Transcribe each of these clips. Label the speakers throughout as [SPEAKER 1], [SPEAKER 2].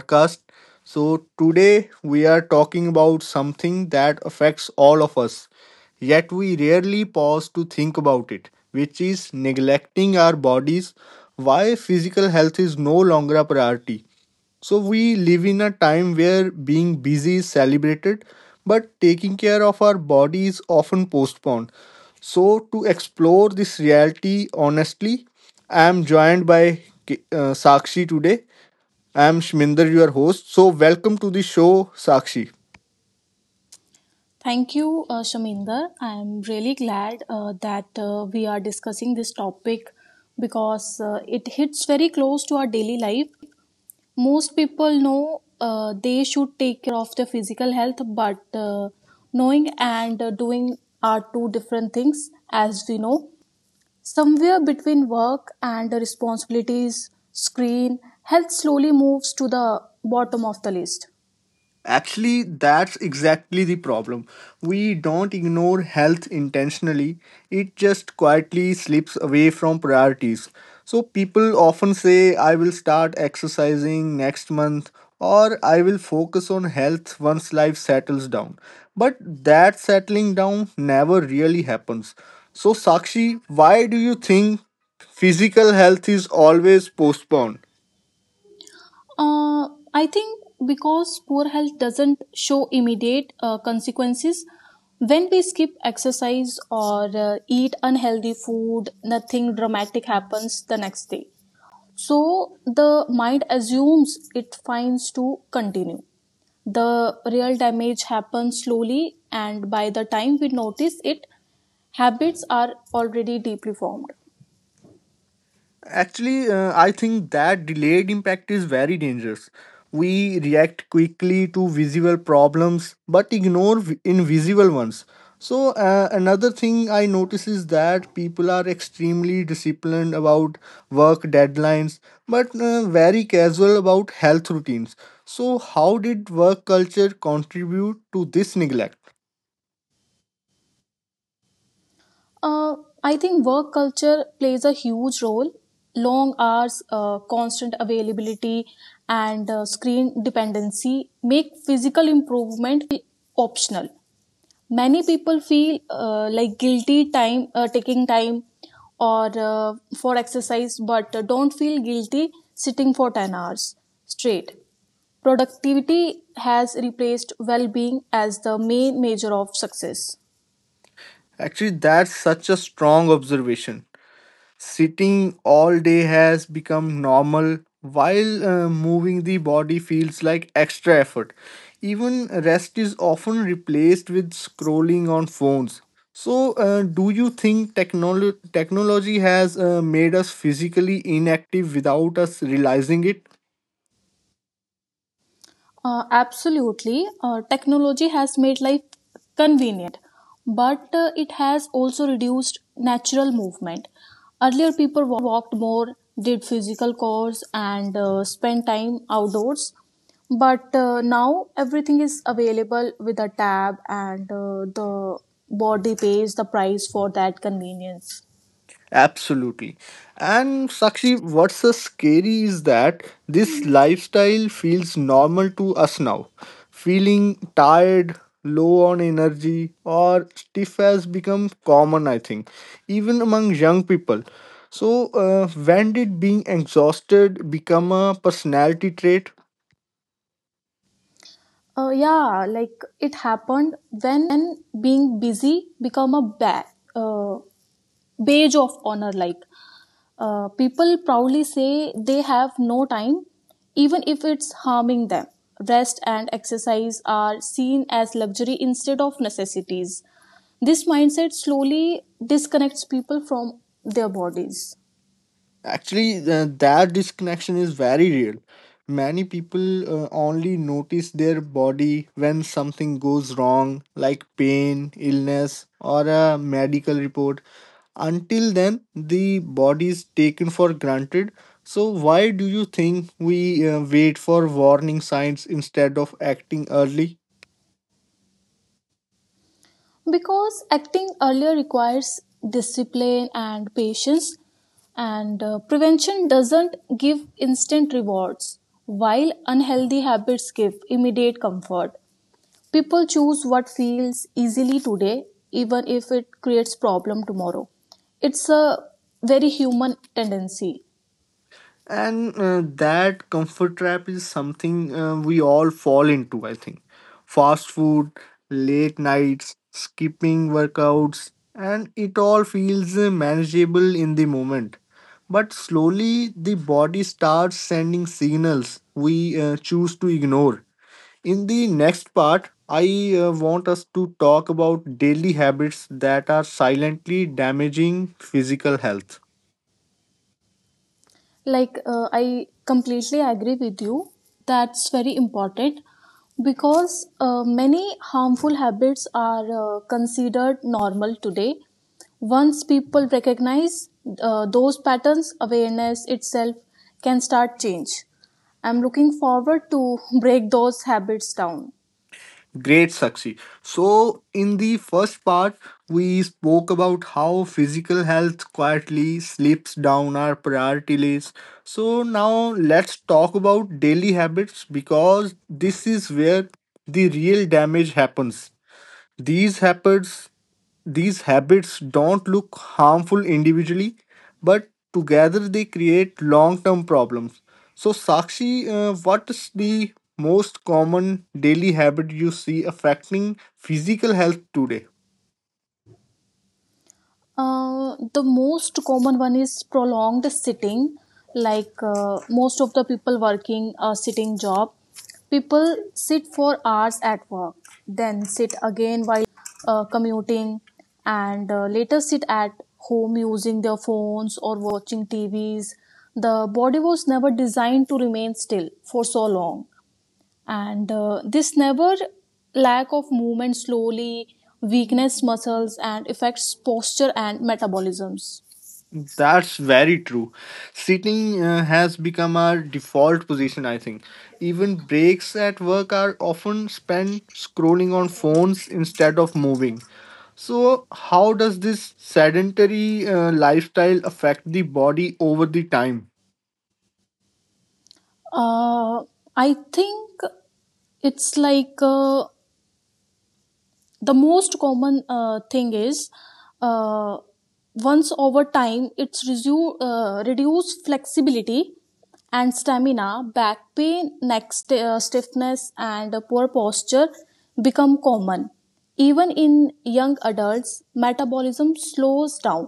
[SPEAKER 1] podcast. So, today we are talking about something that affects all of us, yet we rarely pause to think about it, which is neglecting our bodies. Why physical health is no longer a priority. So we live in a time where being busy is celebrated, but taking care of our body is often postponed. So to explore this reality honestly, I am joined by Sakshi today. I am Shminder, your host. So welcome to the show, Sakshi.
[SPEAKER 2] Thank you, Shaminder. I'm really glad that we are discussing this topic because it hits very close to our daily life. Most people know they should take care of their physical health, but knowing and doing are two different things, as we know. Somewhere between work and the responsibilities, screen, health slowly moves to the bottom of the list.
[SPEAKER 1] Actually, that's exactly the problem. We don't ignore health intentionally, it just quietly slips away from priorities. So, people often say, I will start exercising next month, or I will focus on health once life settles down. But that settling down never really happens. So, Sakshi, why do you think physical health is always postponed?
[SPEAKER 2] I think because poor health doesn't show immediate consequences, when we skip exercise or eat unhealthy food, nothing dramatic happens the next day. So the mind assumes it finds to continue. The real damage happens slowly, and by the time we notice it, habits are already deeply formed.
[SPEAKER 1] Actually, I think that delayed impact is very dangerous. We react quickly to visual problems but ignore invisible ones. So, another thing I notice is that people are extremely disciplined about work deadlines but very casual about health routines. So, how did work culture contribute to this neglect?
[SPEAKER 2] Uh, I think work culture plays a huge role. Long hours, constant availability, and screen dependency make physical improvement feel optional. Many people feel like guilty time taking time or for exercise, but don't feel guilty sitting for 10 hours straight. Productivity has replaced well being as the main measure of success.
[SPEAKER 1] Actually, that's such a strong observation. Sitting all day has become normal, while moving the body feels like extra effort. Even rest is often replaced with scrolling on phones. So, do you think technology has made us physically inactive without us realizing it?
[SPEAKER 2] Absolutely. Technology has made life convenient, but it has also reduced natural movement. Earlier, people walked more, did physical chores, and spent time outdoors. But now everything is available with a tab, and the body pays the price for that convenience.
[SPEAKER 1] Absolutely. And Sakshi, what's so scary is that this lifestyle feels normal to us now. Feeling tired, low on energy, or stiff has become common, I think, even among young people. So, when did being exhausted become a personality trait?
[SPEAKER 2] Yeah, like it happened when being busy become a uh, badge of honor. Like, people proudly say they have no time, even if it's harming them. Rest and exercise are seen as luxury instead of necessities. This mindset slowly disconnects people from their bodies.
[SPEAKER 1] Actually, that disconnection is very real. Many people only notice their body when something goes wrong, like pain, illness, or a medical report. Until then, the body is taken for granted. So, why do you think we wait for warning signs instead of acting early?
[SPEAKER 2] Because acting earlier requires discipline and patience, and prevention doesn't give instant rewards, while unhealthy habits give immediate comfort. People choose what feels easily today, even if it creates problem tomorrow. It's a very human tendency.
[SPEAKER 1] And that comfort trap is something we all fall into, I think. Fast food, late nights, skipping workouts, and it all feels manageable in the moment. But slowly, the body starts sending signals we choose to ignore. In the next part, I want us to talk about daily habits that are silently damaging physical health.
[SPEAKER 2] Like, I completely agree with you. That's very important because many harmful habits are considered normal today. Once people recognize those patterns, awareness itself can start change. I'm looking forward to break those habits down.
[SPEAKER 1] Great, Sakshi. So, in the first part, we spoke about how physical health quietly slips down our priority list. So, now let's talk about daily habits because this is where the real damage happens. These habits these habits don't look harmful individually, but together they create long term problems. So, Sakshi, what is the most common daily habit you see affecting physical health today?
[SPEAKER 2] The most common one is prolonged sitting, like most of the people working a sitting job. People sit for hours at work, then sit again while commuting, and later sit at home using their phones or watching TVs. The body was never designed to remain still for so long, and this never lack of movement slowly weakness muscles and affects posture and metabolisms.
[SPEAKER 1] That's very true. Sitting has become our default position, I think. Even breaks at work are often spent scrolling on phones instead of moving. So, how does this sedentary lifestyle affect the body over the time?
[SPEAKER 2] Uh, i think it's like the most common thing is uh, once over time it's reduce flexibility and stamina, back pain, neck stiffness, and poor posture become common. Even in young adults, metabolism slows down,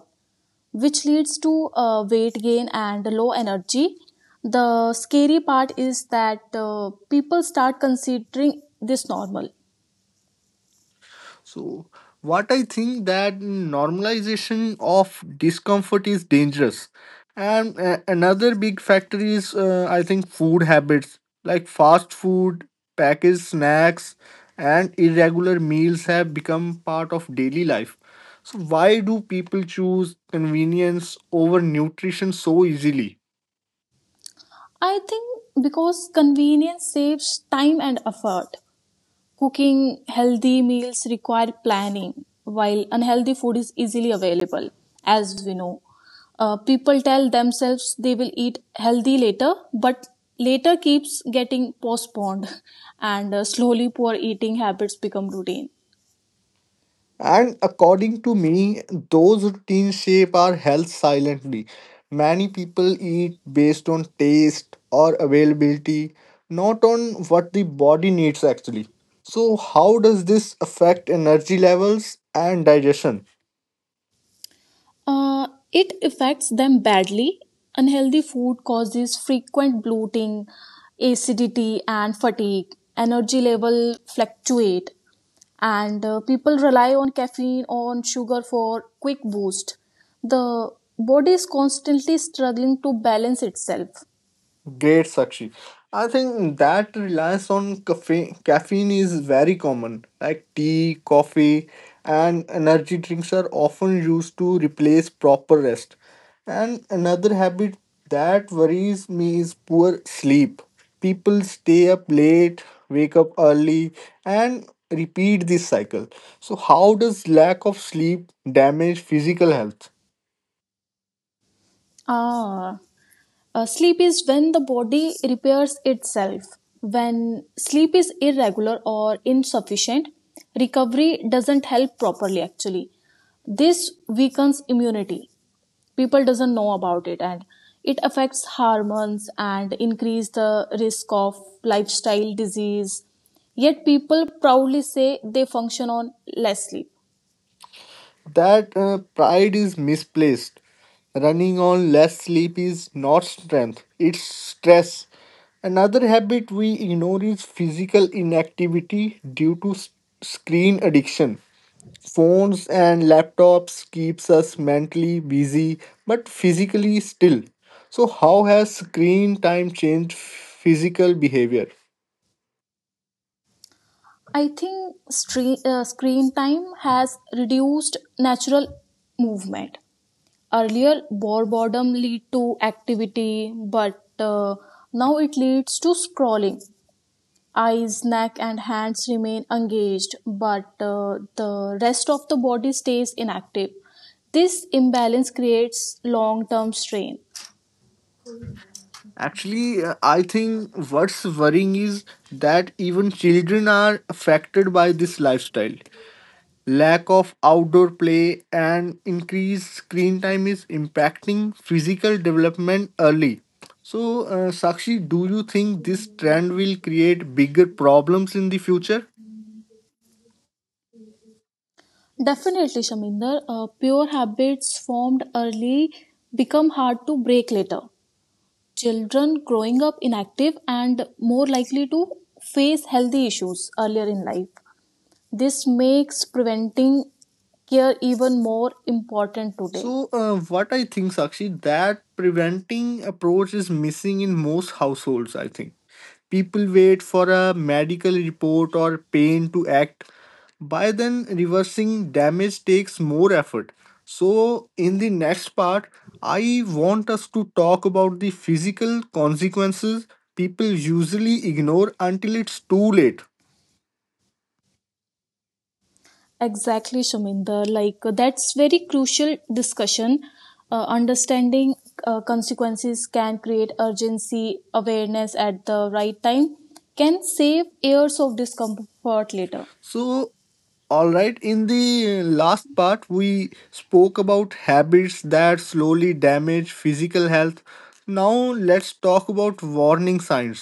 [SPEAKER 2] which leads to weight gain and low energy. The scary part is that people start considering this normal.
[SPEAKER 1] So, what I think that normalization of discomfort is dangerous. And another big factor is, I think, food habits like fast food, packaged snacks, and irregular meals have become part of daily life. So, why do people choose convenience over nutrition so easily?
[SPEAKER 2] I think because convenience saves time and effort. Cooking healthy meals require planning, while unhealthy food is easily available, as we know. People tell themselves they will eat healthy later, but later keeps getting postponed, and slowly poor eating habits become routine.
[SPEAKER 1] And according to me, those routines shape our health silently. Many people eat based on taste or availability, not on what the body needs actually. So, how does this affect energy levels and digestion?
[SPEAKER 2] It affects them badly. Unhealthy food causes frequent bloating, acidity, and fatigue. Energy level fluctuate, and people rely on caffeine on sugar for quick boost. The body is constantly struggling to balance itself.
[SPEAKER 1] Great, Sakshi. I think that reliance on caffeine is very common. Like tea, coffee, and energy drinks are often used to replace proper rest. And another habit that worries me is poor sleep. People stay up late, wake up early, and repeat this cycle. So, how does lack of sleep damage physical health?
[SPEAKER 2] ah Sleep is when the body repairs itself. When sleep is irregular or insufficient, recovery doesn't help properly. Actually, this weakens immunity. People doesn't know about it, and it affects hormones and increase the risk of lifestyle disease, yet people proudly say they function on less sleep.
[SPEAKER 1] That pride is misplaced. Running on less sleep is not strength, it's stress. Another habit we ignore is physical inactivity due to screen addiction. Phones and laptops keeps us mentally busy but physically still. So how has screen time changed physical behavior?
[SPEAKER 2] I think screen time has reduced natural movement. Earlier boredom lead to activity, but now it leads to scrolling. Eyes, neck, and hands remain engaged, but the rest of the body stays inactive. This imbalance creates long term strain.
[SPEAKER 1] Actually, I think what's worrying is that even children are affected by this lifestyle. Lack of outdoor play and increased screen time is impacting physical development early. So, Sakshi, do you think this trend will create bigger problems in the future?
[SPEAKER 2] Definitely, Shaminder, pure habits formed early become hard to break later. Children growing up inactive and more likely to face healthy issues earlier in life. This makes preventing care even more important today.
[SPEAKER 1] So, what I think, Sakshi, that preventing approach is missing in most households, I think. People wait for a medical report or pain to act. By then, reversing damage takes more effort. So, in the next part, I want us to talk about the physical consequences people usually ignore until it's too late.
[SPEAKER 2] Exactly, Shaminder. Like, that's very crucial discussion. Understanding consequences can create urgency. Awareness at the right time can save years of discomfort later.
[SPEAKER 1] So, all right, in the last part, we spoke about habits that slowly damage physical health. Now, let's talk about warning signs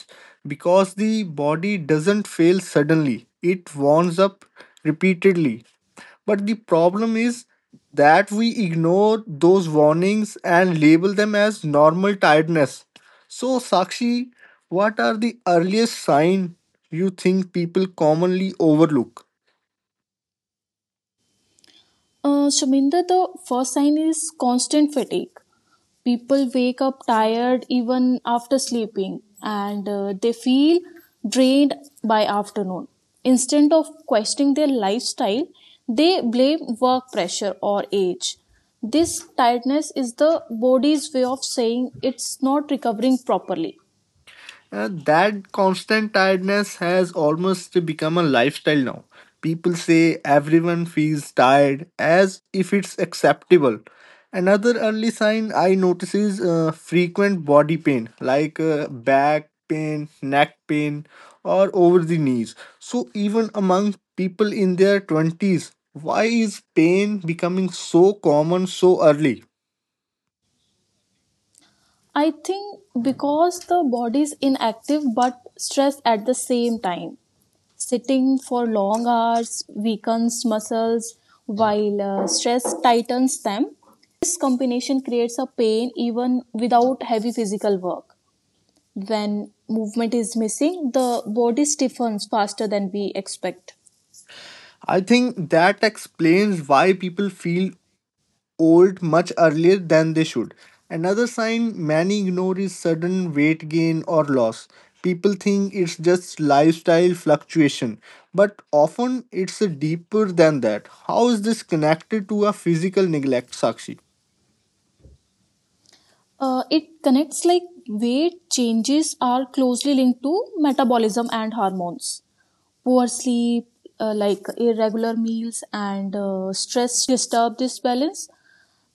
[SPEAKER 1] because the body doesn't fail suddenly, it warms up repeatedly. But the problem is that we ignore those warnings and label them as normal tiredness. So, Sakshi, what are the earliest signs you think people commonly overlook?
[SPEAKER 2] Shaminder, the first sign is constant fatigue. People wake up tired even after sleeping, and they feel drained by afternoon. Instead of questioning their lifestyle, they blame work pressure or age. This tiredness is the body's way of saying it's not recovering properly.
[SPEAKER 1] That constant tiredness has almost become a lifestyle now. People say everyone feels tired as if it's acceptable. Another early sign I notice is frequent body pain, like back pain, neck pain, or over the knees. So, even among people in their 20s, why is pain becoming so common so early?
[SPEAKER 2] I think because the body is inactive but stressed at the same time. Sitting for long hours weakens muscles while stress tightens them. This combination creates a pain even without heavy physical work. When movement is missing, the body stiffens faster than we expect.
[SPEAKER 1] I think that explains why people feel old much earlier than they should. Another sign many ignore is sudden weight gain or loss. People think it's just lifestyle fluctuation, but often it's deeper than that. How is this connected to a physical neglect, Sakshi?
[SPEAKER 2] It connects like weight changes are closely linked to metabolism and hormones. Poor sleep, like irregular meals, and stress disturb this balance.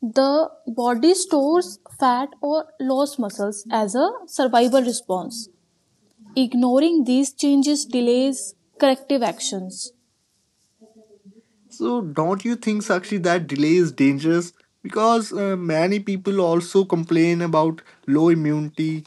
[SPEAKER 2] The body stores fat or lost muscles as a survival response. Ignoring these changes delays corrective actions
[SPEAKER 1] So, don't you think, Sakshi, that delay is dangerous? Because many people also complain about low immunity,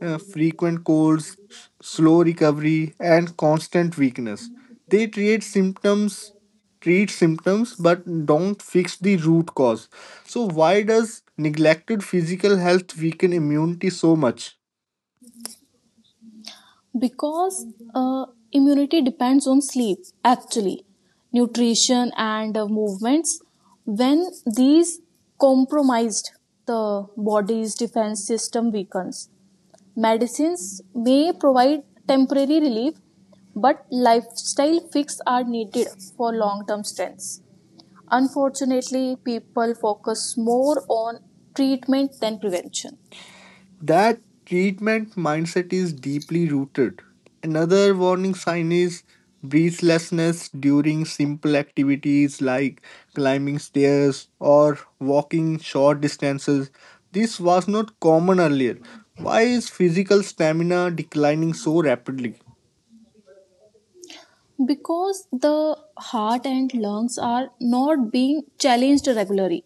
[SPEAKER 1] frequent colds, slow recovery, and constant weakness. They treat symptoms, but don't fix the root cause. So, why does neglected physical health weaken immunity so much?
[SPEAKER 2] because uh, immunity depends on sleep, actually, nutrition, and movements. When these compromised, the body's defense system weakens. Medicines may provide temporary relief, but lifestyle fixes are needed for long term strength. Unfortunately, people focus more on treatment than prevention
[SPEAKER 1] That treatment mindset is deeply rooted. Another warning sign is breathlessness during simple activities like climbing stairs or walking short distances. This was not common earlier. Why is physical stamina declining so rapidly?
[SPEAKER 2] because the heart and lungs are not being challenged regularly.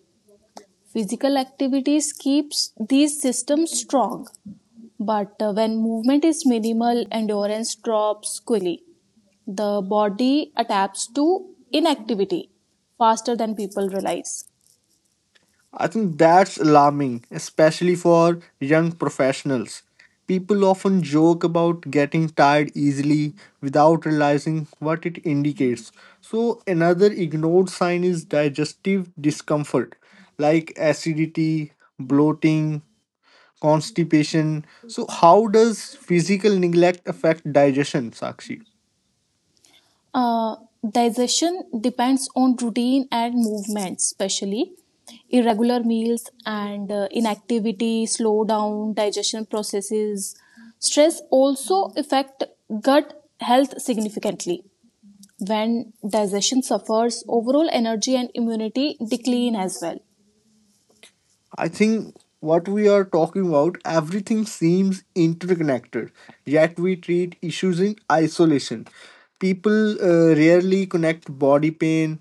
[SPEAKER 2] Physical activities keeps these systems strong. But when movement is minimal, endurance drops quickly. The body adapts to inactivity faster than people realize.
[SPEAKER 1] I think that's alarming, especially for young professionals. People often joke about getting tired easily without realizing what it indicates. So, another ignored sign is digestive discomfort, like acidity, bloating, constipation. So, how does physical neglect affect digestion, Sakshi?
[SPEAKER 2] Uh, digestion depends on routine and movement, especially irregular meals and inactivity slow down digestion processes. Stress also affect gut health significantly. When digestion suffers, overall energy and immunity decline as well.
[SPEAKER 1] I think what we are talking about, everything seems interconnected, yet we treat issues in isolation. People rarely connect body pain,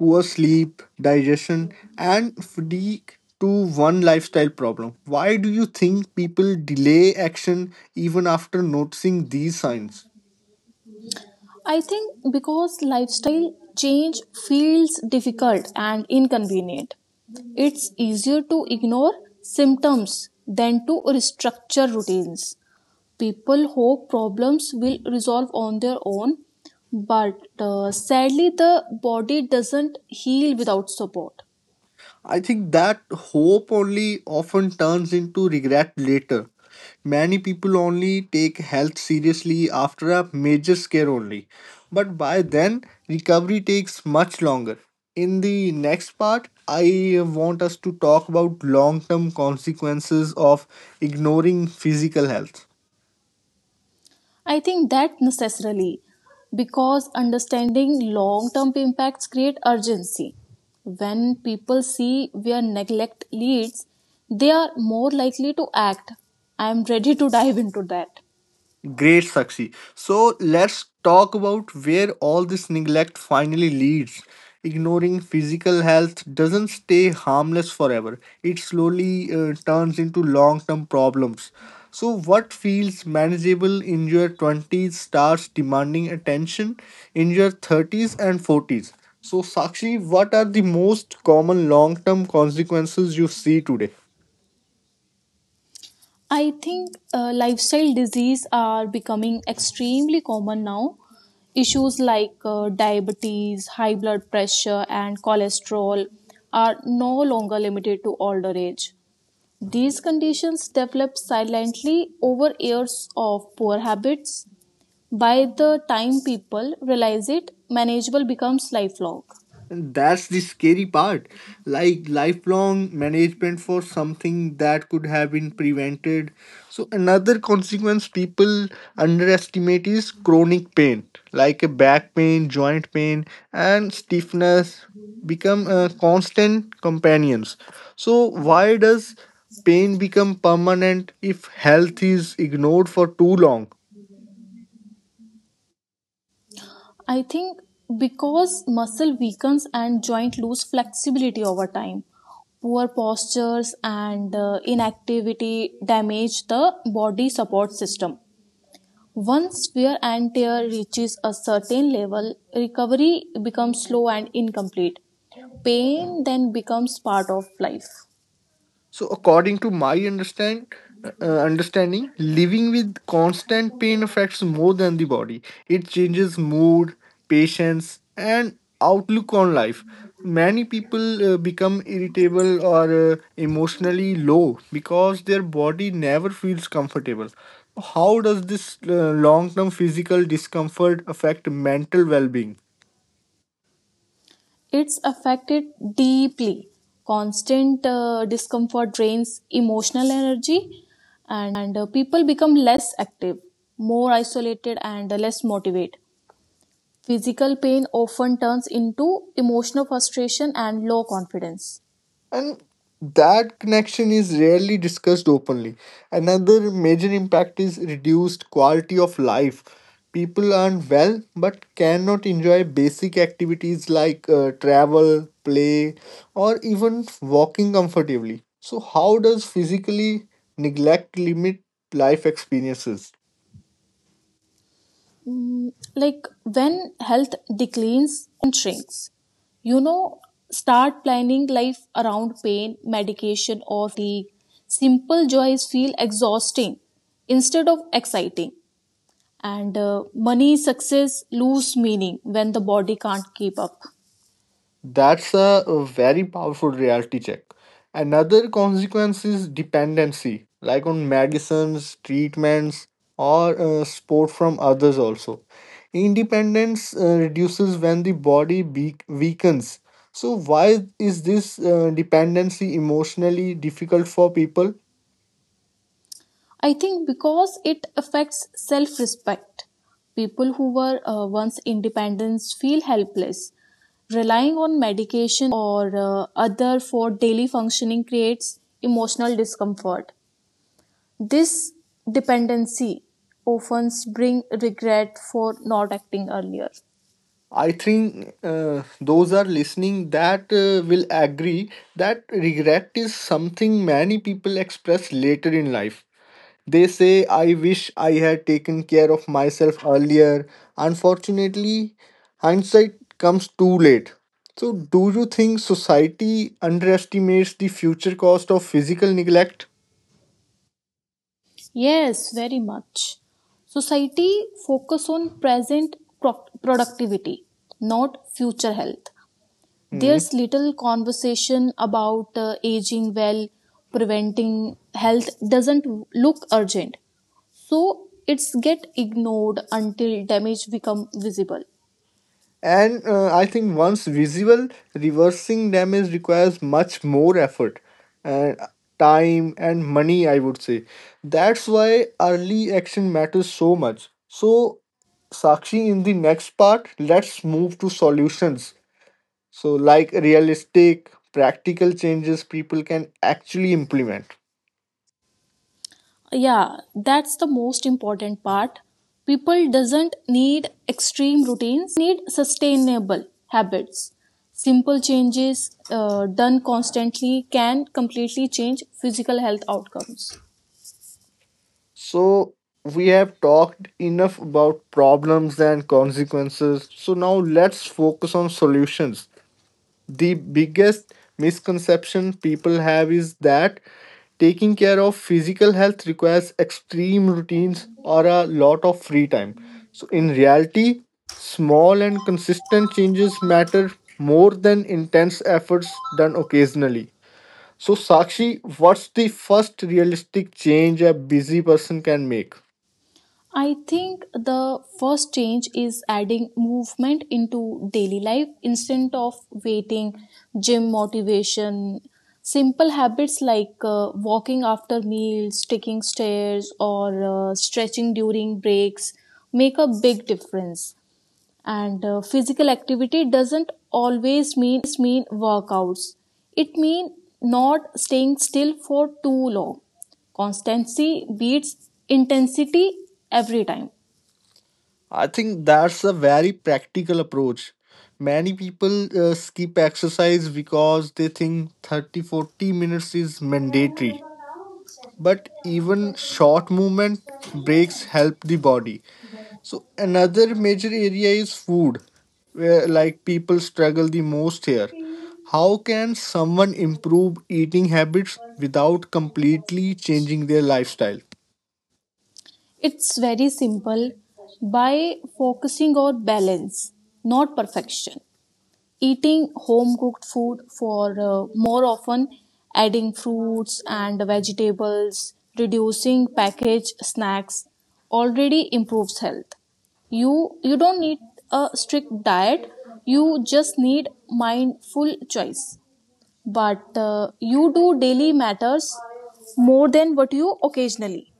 [SPEAKER 1] poor sleep, digestion, and fatigue to one lifestyle problem. Why do you think people delay action even after noticing these signs?
[SPEAKER 2] I think because lifestyle change feels difficult and inconvenient, it's easier to ignore symptoms than to restructure routines. People hope problems will resolve on their own, but sadly, the body doesn't heal without support.
[SPEAKER 1] I think that hope only often turns into regret later. Many people only take health seriously after a major scare only. But by then, recovery takes much longer. In the next part, I want us to talk about long term consequences of ignoring physical health.
[SPEAKER 2] I think that necessarily because understanding long term impacts create urgency. When people see where neglect leads, they are more likely to act. I am ready to dive into that.
[SPEAKER 1] Great, Sakshi. So let's talk about where all this neglect finally leads. Ignoring physical health doesn't stay harmless forever, it slowly turns into long term problems. So, what feels manageable in your 20s starts demanding attention in your 30s and 40s. So, Sakshi, what are the most common long term consequences you see today?
[SPEAKER 2] I think lifestyle diseases are becoming extremely common now. Issues like diabetes, high blood pressure, and cholesterol are no longer limited to older age. These conditions develop silently over years of poor habits. By the time people realize it, manageable becomes lifelong.
[SPEAKER 1] And that's the scary part. Like lifelong management for something that could have been prevented. So, another consequence people underestimate is chronic pain, like a back pain, joint pain, and stiffness become constant companions. So, why does pain become permanent if health is ignored for too long?
[SPEAKER 2] I think because muscle weakens and joint lose flexibility over time. Poor postures and inactivity damage the body support system. Once wear and tear reaches a certain level, recovery becomes slow and incomplete. Pain then becomes part of life.
[SPEAKER 1] So, according to my uh, understanding, living with constant pain affects more than the body. It changes mood, patience, and outlook on life. Many people become irritable or emotionally low because their body never feels comfortable. How does this long-term physical discomfort affect mental well-being?
[SPEAKER 2] It's affected deeply. Constant discomfort drains emotional energy, and people become less active, more isolated, and less motivated. Physical pain often turns into emotional frustration and low confidence.
[SPEAKER 1] And that connection is rarely discussed openly. Another major impact is reduced quality of life. People earn well but cannot enjoy basic activities like travel, play, or even walking comfortably. So, how does physically neglect limit life experiences?
[SPEAKER 2] Like when health declines, option shrinks. You know, start planning life around pain, medication, or fatigue. Simple joys feel exhausting instead of exciting. And money, success lose meaning when the body can't keep up.
[SPEAKER 1] That's a very powerful reality check. Another consequence is dependency, like on medicines, treatments, or support from others also. Independence reduces when the body weakens. So, why is this dependency emotionally difficult for people?
[SPEAKER 2] I think because it affects self respect. People who were once independent feel helpless. Relying on medication or other for daily functioning creates emotional discomfort. This dependency often brings regret for not acting earlier.
[SPEAKER 1] I think those are listening that will agree that regret is something many people express later in life. They say, I wish I had taken care of myself earlier. Unfortunately, hindsight comes too late. So, do you think society underestimates the future cost of physical neglect?
[SPEAKER 2] Yes, very much. Society focus on present productivity, not future health.
[SPEAKER 1] Hmm.
[SPEAKER 2] There's little conversation about aging well, preventing health doesn't look urgent. So it's get ignored until damage become visible.
[SPEAKER 1] And I think once visible, reversing damage requires much more effort and time and money, I would say. That's why early action matters so much. So, Sakshi, in the next part, let's move to solutions. So, like realistic, practical changes people can actually implement.
[SPEAKER 2] Yeah, that's the most important part. People doesn't need extreme routines. They need sustainable habits. Simple changes done constantly can completely change physical health outcomes.
[SPEAKER 1] So, we have talked enough about problems and consequences. So, now let's focus on solutions. The biggest misconception people have is that taking care of physical health requires extreme routines or a lot of free time. So, in reality, small and consistent changes matter more than intense efforts done occasionally. So, Sakshi, what's the first realistic change a busy person can make?
[SPEAKER 2] I think the first change is adding movement into daily life instead of waiting, gym motivation. Simple habits like walking after meals, taking stairs, or stretching during breaks make a big difference. And physical activity doesn't always mean workouts, it means not staying still for too long. Constancy beats intensity every time.
[SPEAKER 1] I think that's a very practical approach. Many people skip exercise because they think 30, 40 minutes is mandatory. But even short movement breaks help the body. So another major area is food, where like people struggle the most here. How can someone improve eating habits without completely changing their lifestyle?
[SPEAKER 2] It's very simple. By focusing on balance, not perfection, eating home cooked food for more often, adding fruits and vegetables, reducing packaged snacks already improves health. You don't need a strict diet. You just need mindful choice. But you do daily matters more than what you occasionally.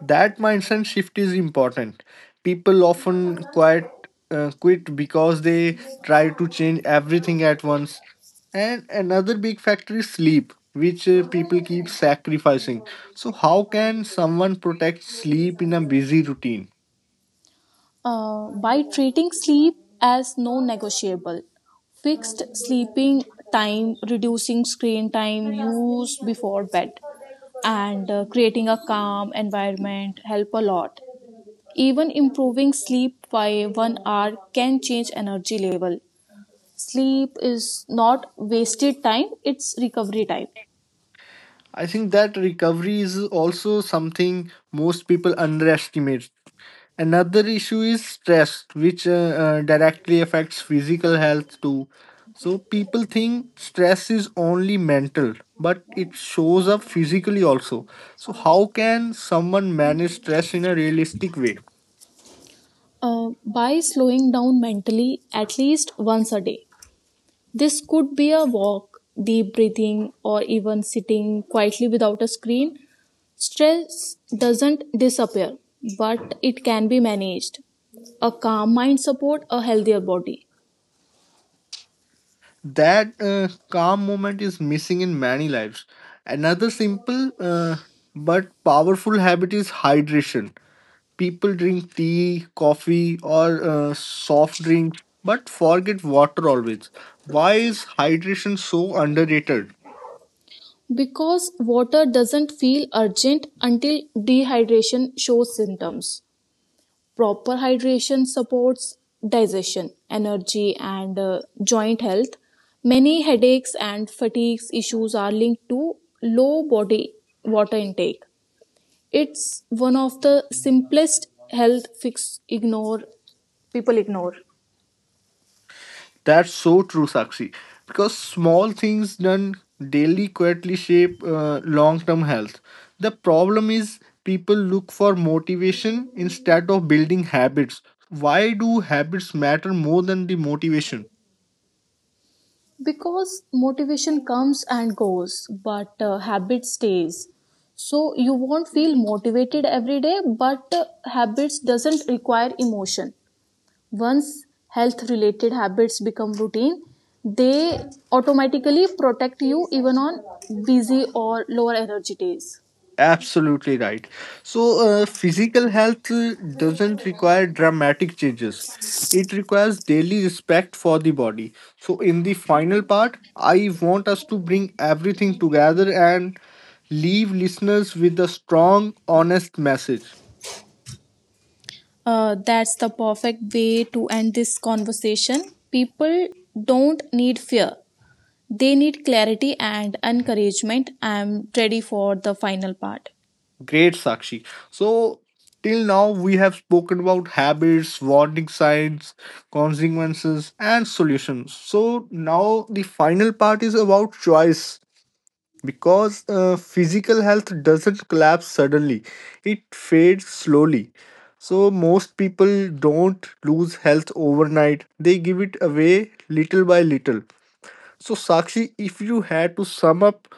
[SPEAKER 1] That mindset shift is important. People often quit because they try to change everything at once. And another big factor is sleep, which people keep sacrificing. So how can someone protect sleep in a busy routine?
[SPEAKER 2] By treating sleep as non negotiable, fixed sleeping time, reducing screen time use before bed, and creating a calm environment help a lot. Even improving sleep by 1 hour can change energy level. Sleep is not wasted time, it's recovery time.
[SPEAKER 1] I think that recovery is also something most people underestimate. Another issue is stress, which directly affects physical health too. So people think stress is only mental, but it shows up physically also. So how can someone manage stress in a realistic way?
[SPEAKER 2] By slowing down mentally at least once a day. This could be a walk, deep breathing, or even sitting quietly without a screen. Stress doesn't disappear, but it can be managed. A calm mind supports a healthier body
[SPEAKER 1] That calm moment is missing in many lives. Another simple but powerful habit is hydration. People drink tea, coffee, or soft drink, but forget water always. Why is hydration so underrated?
[SPEAKER 2] because water doesn't feel urgent until dehydration shows symptoms. Proper hydration supports digestion, energy, and joint health. Many headaches and fatigue issues are linked to low body water intake. It's one of the simplest health fix ignore. People ignore
[SPEAKER 1] That's so true, Sakshi. Because small things done daily quietly shape long term health. The problem is people look for motivation instead of building habits. Why do habits matter more than the motivation?
[SPEAKER 2] because motivation comes and goes, but habit stays. So you won't feel motivated every day, but habits doesn't require emotion. Once health related habits become routine, they automatically protect you even on busy or lower energy days.
[SPEAKER 1] Absolutely right. So, physical health doesn't require dramatic changes. It requires daily respect for the body. So, in the final part, I want us to bring everything together and leave listeners with a strong, honest message.
[SPEAKER 2] That's the perfect way to end this conversation. People don't need fear, they need clarity and encouragement. I'm ready for the final part.
[SPEAKER 1] Great, Sakshi. So, till now, we have spoken about habits, warning signs, consequences, and solutions. So, now the final part is about choice because physical health doesn't collapse suddenly. It fades slowly. So most people don't lose health overnight. They give it away little by little. So, Sakshi, if you had to sum up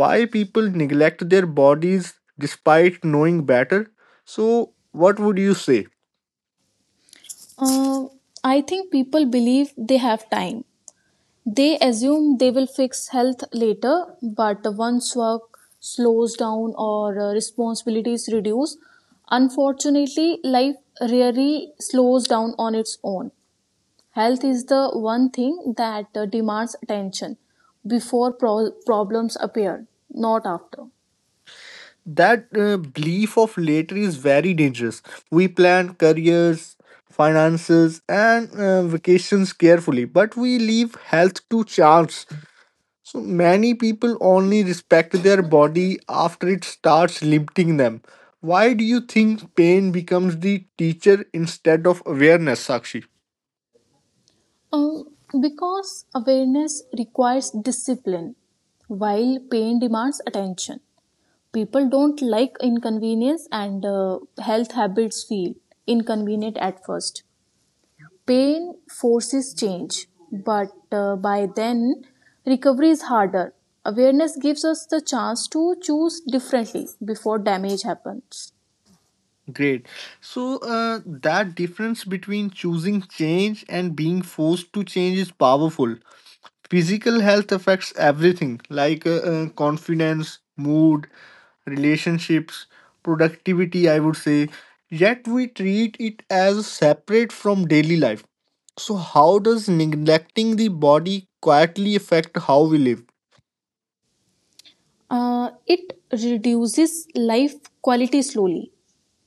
[SPEAKER 1] why people neglect their bodies despite knowing better, so what would you say?
[SPEAKER 2] Uh, I think people believe they have time. They assume they will fix health later, but once work slows down or responsibilities reduce, unfortunately, life rarely slows down on its own. Health is the one thing that demands attention before problems appear, not after.
[SPEAKER 1] That belief of later is very dangerous. We plan careers, finances, and vacations carefully, but we leave health to chance. So many people only respect their body after it starts limiting them. Why do you think pain becomes the teacher instead of awareness, Sakshi?
[SPEAKER 2] Um, because awareness requires discipline, while pain demands attention. People don't like inconvenience, and health habits feel inconvenient at first. Pain forces change, but by then recovery is harder. Awareness gives us the chance to choose differently before damage happens.
[SPEAKER 1] Great. So that difference between choosing change and being forced to change is powerful. Physical health affects everything, like confidence, mood, relationships, productivity, I would say. Yet we treat it as separate from daily life. So, how does neglecting the body quietly affect how we live?
[SPEAKER 2] It reduces life quality slowly.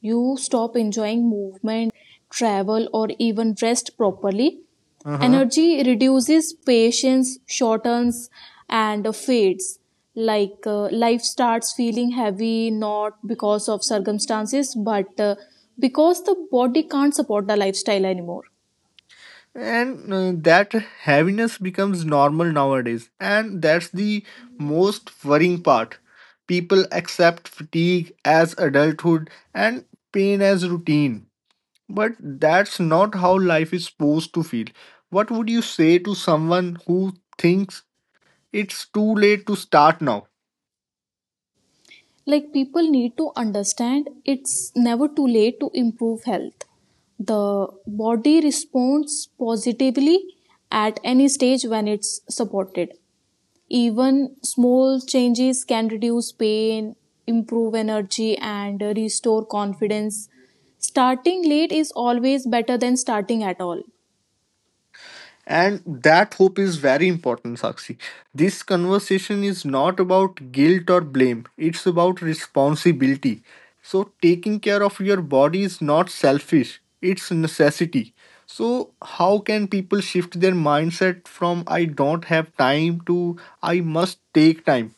[SPEAKER 2] You stop enjoying movement, travel, or even rest properly.
[SPEAKER 1] Uh-huh.
[SPEAKER 2] Energy reduces, patience shortens, and fades. Like, life starts feeling heavy, not because of circumstances, but because the body can't support the lifestyle anymore.
[SPEAKER 1] And that heaviness becomes normal nowadays. And that's the most worrying part. People accept fatigue as adulthood and pain as routine. But that's not how life is supposed to feel. What would you say to someone who thinks it's too late to start now?
[SPEAKER 2] Like, people need to understand it's never too late to improve health. The body responds positively at any stage when it's supported. Even small changes can reduce pain, improve energy, and restore confidence. Starting late is always better than starting at all.
[SPEAKER 1] And that hope is very important, Sakshi. This conversation is not about guilt or blame, it's about responsibility. So, taking care of your body is not selfish, it's necessity. So, how can people shift their mindset from I don't have time to I must take time?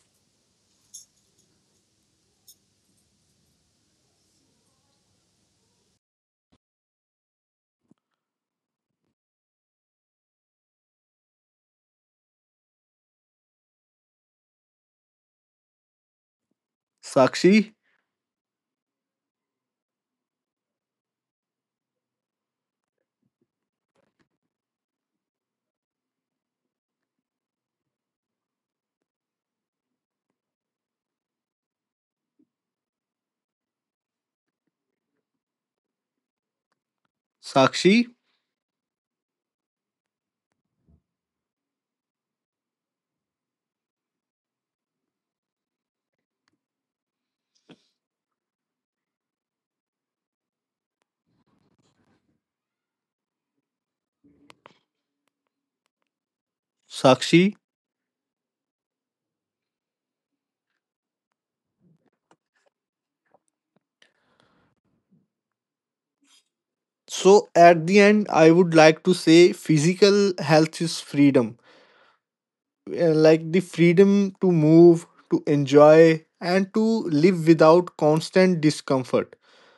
[SPEAKER 1] Sakshi, Sakshi. Sakshi. So at the end, I would like to say physical health is freedom. Like the freedom to move, to enjoy, and to live without constant discomfort.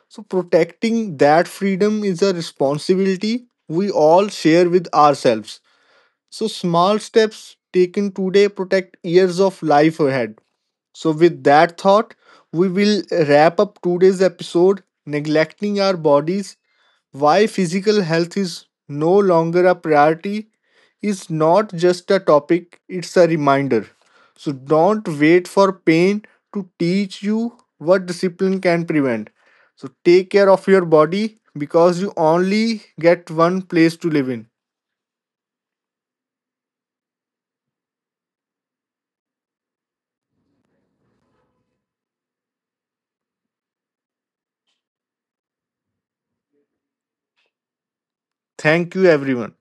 [SPEAKER 1] So protecting that freedom is a responsibility we all share with ourselves. So small steps taken today protect years of life ahead. So with that thought, we will wrap up today's episode. Neglecting our bodies, why physical health is no longer a priority, is not just a topic, it's a reminder. So don't wait for pain to teach you what discipline can prevent. So take care of your body because you only get one place to live in. Thank you, everyone.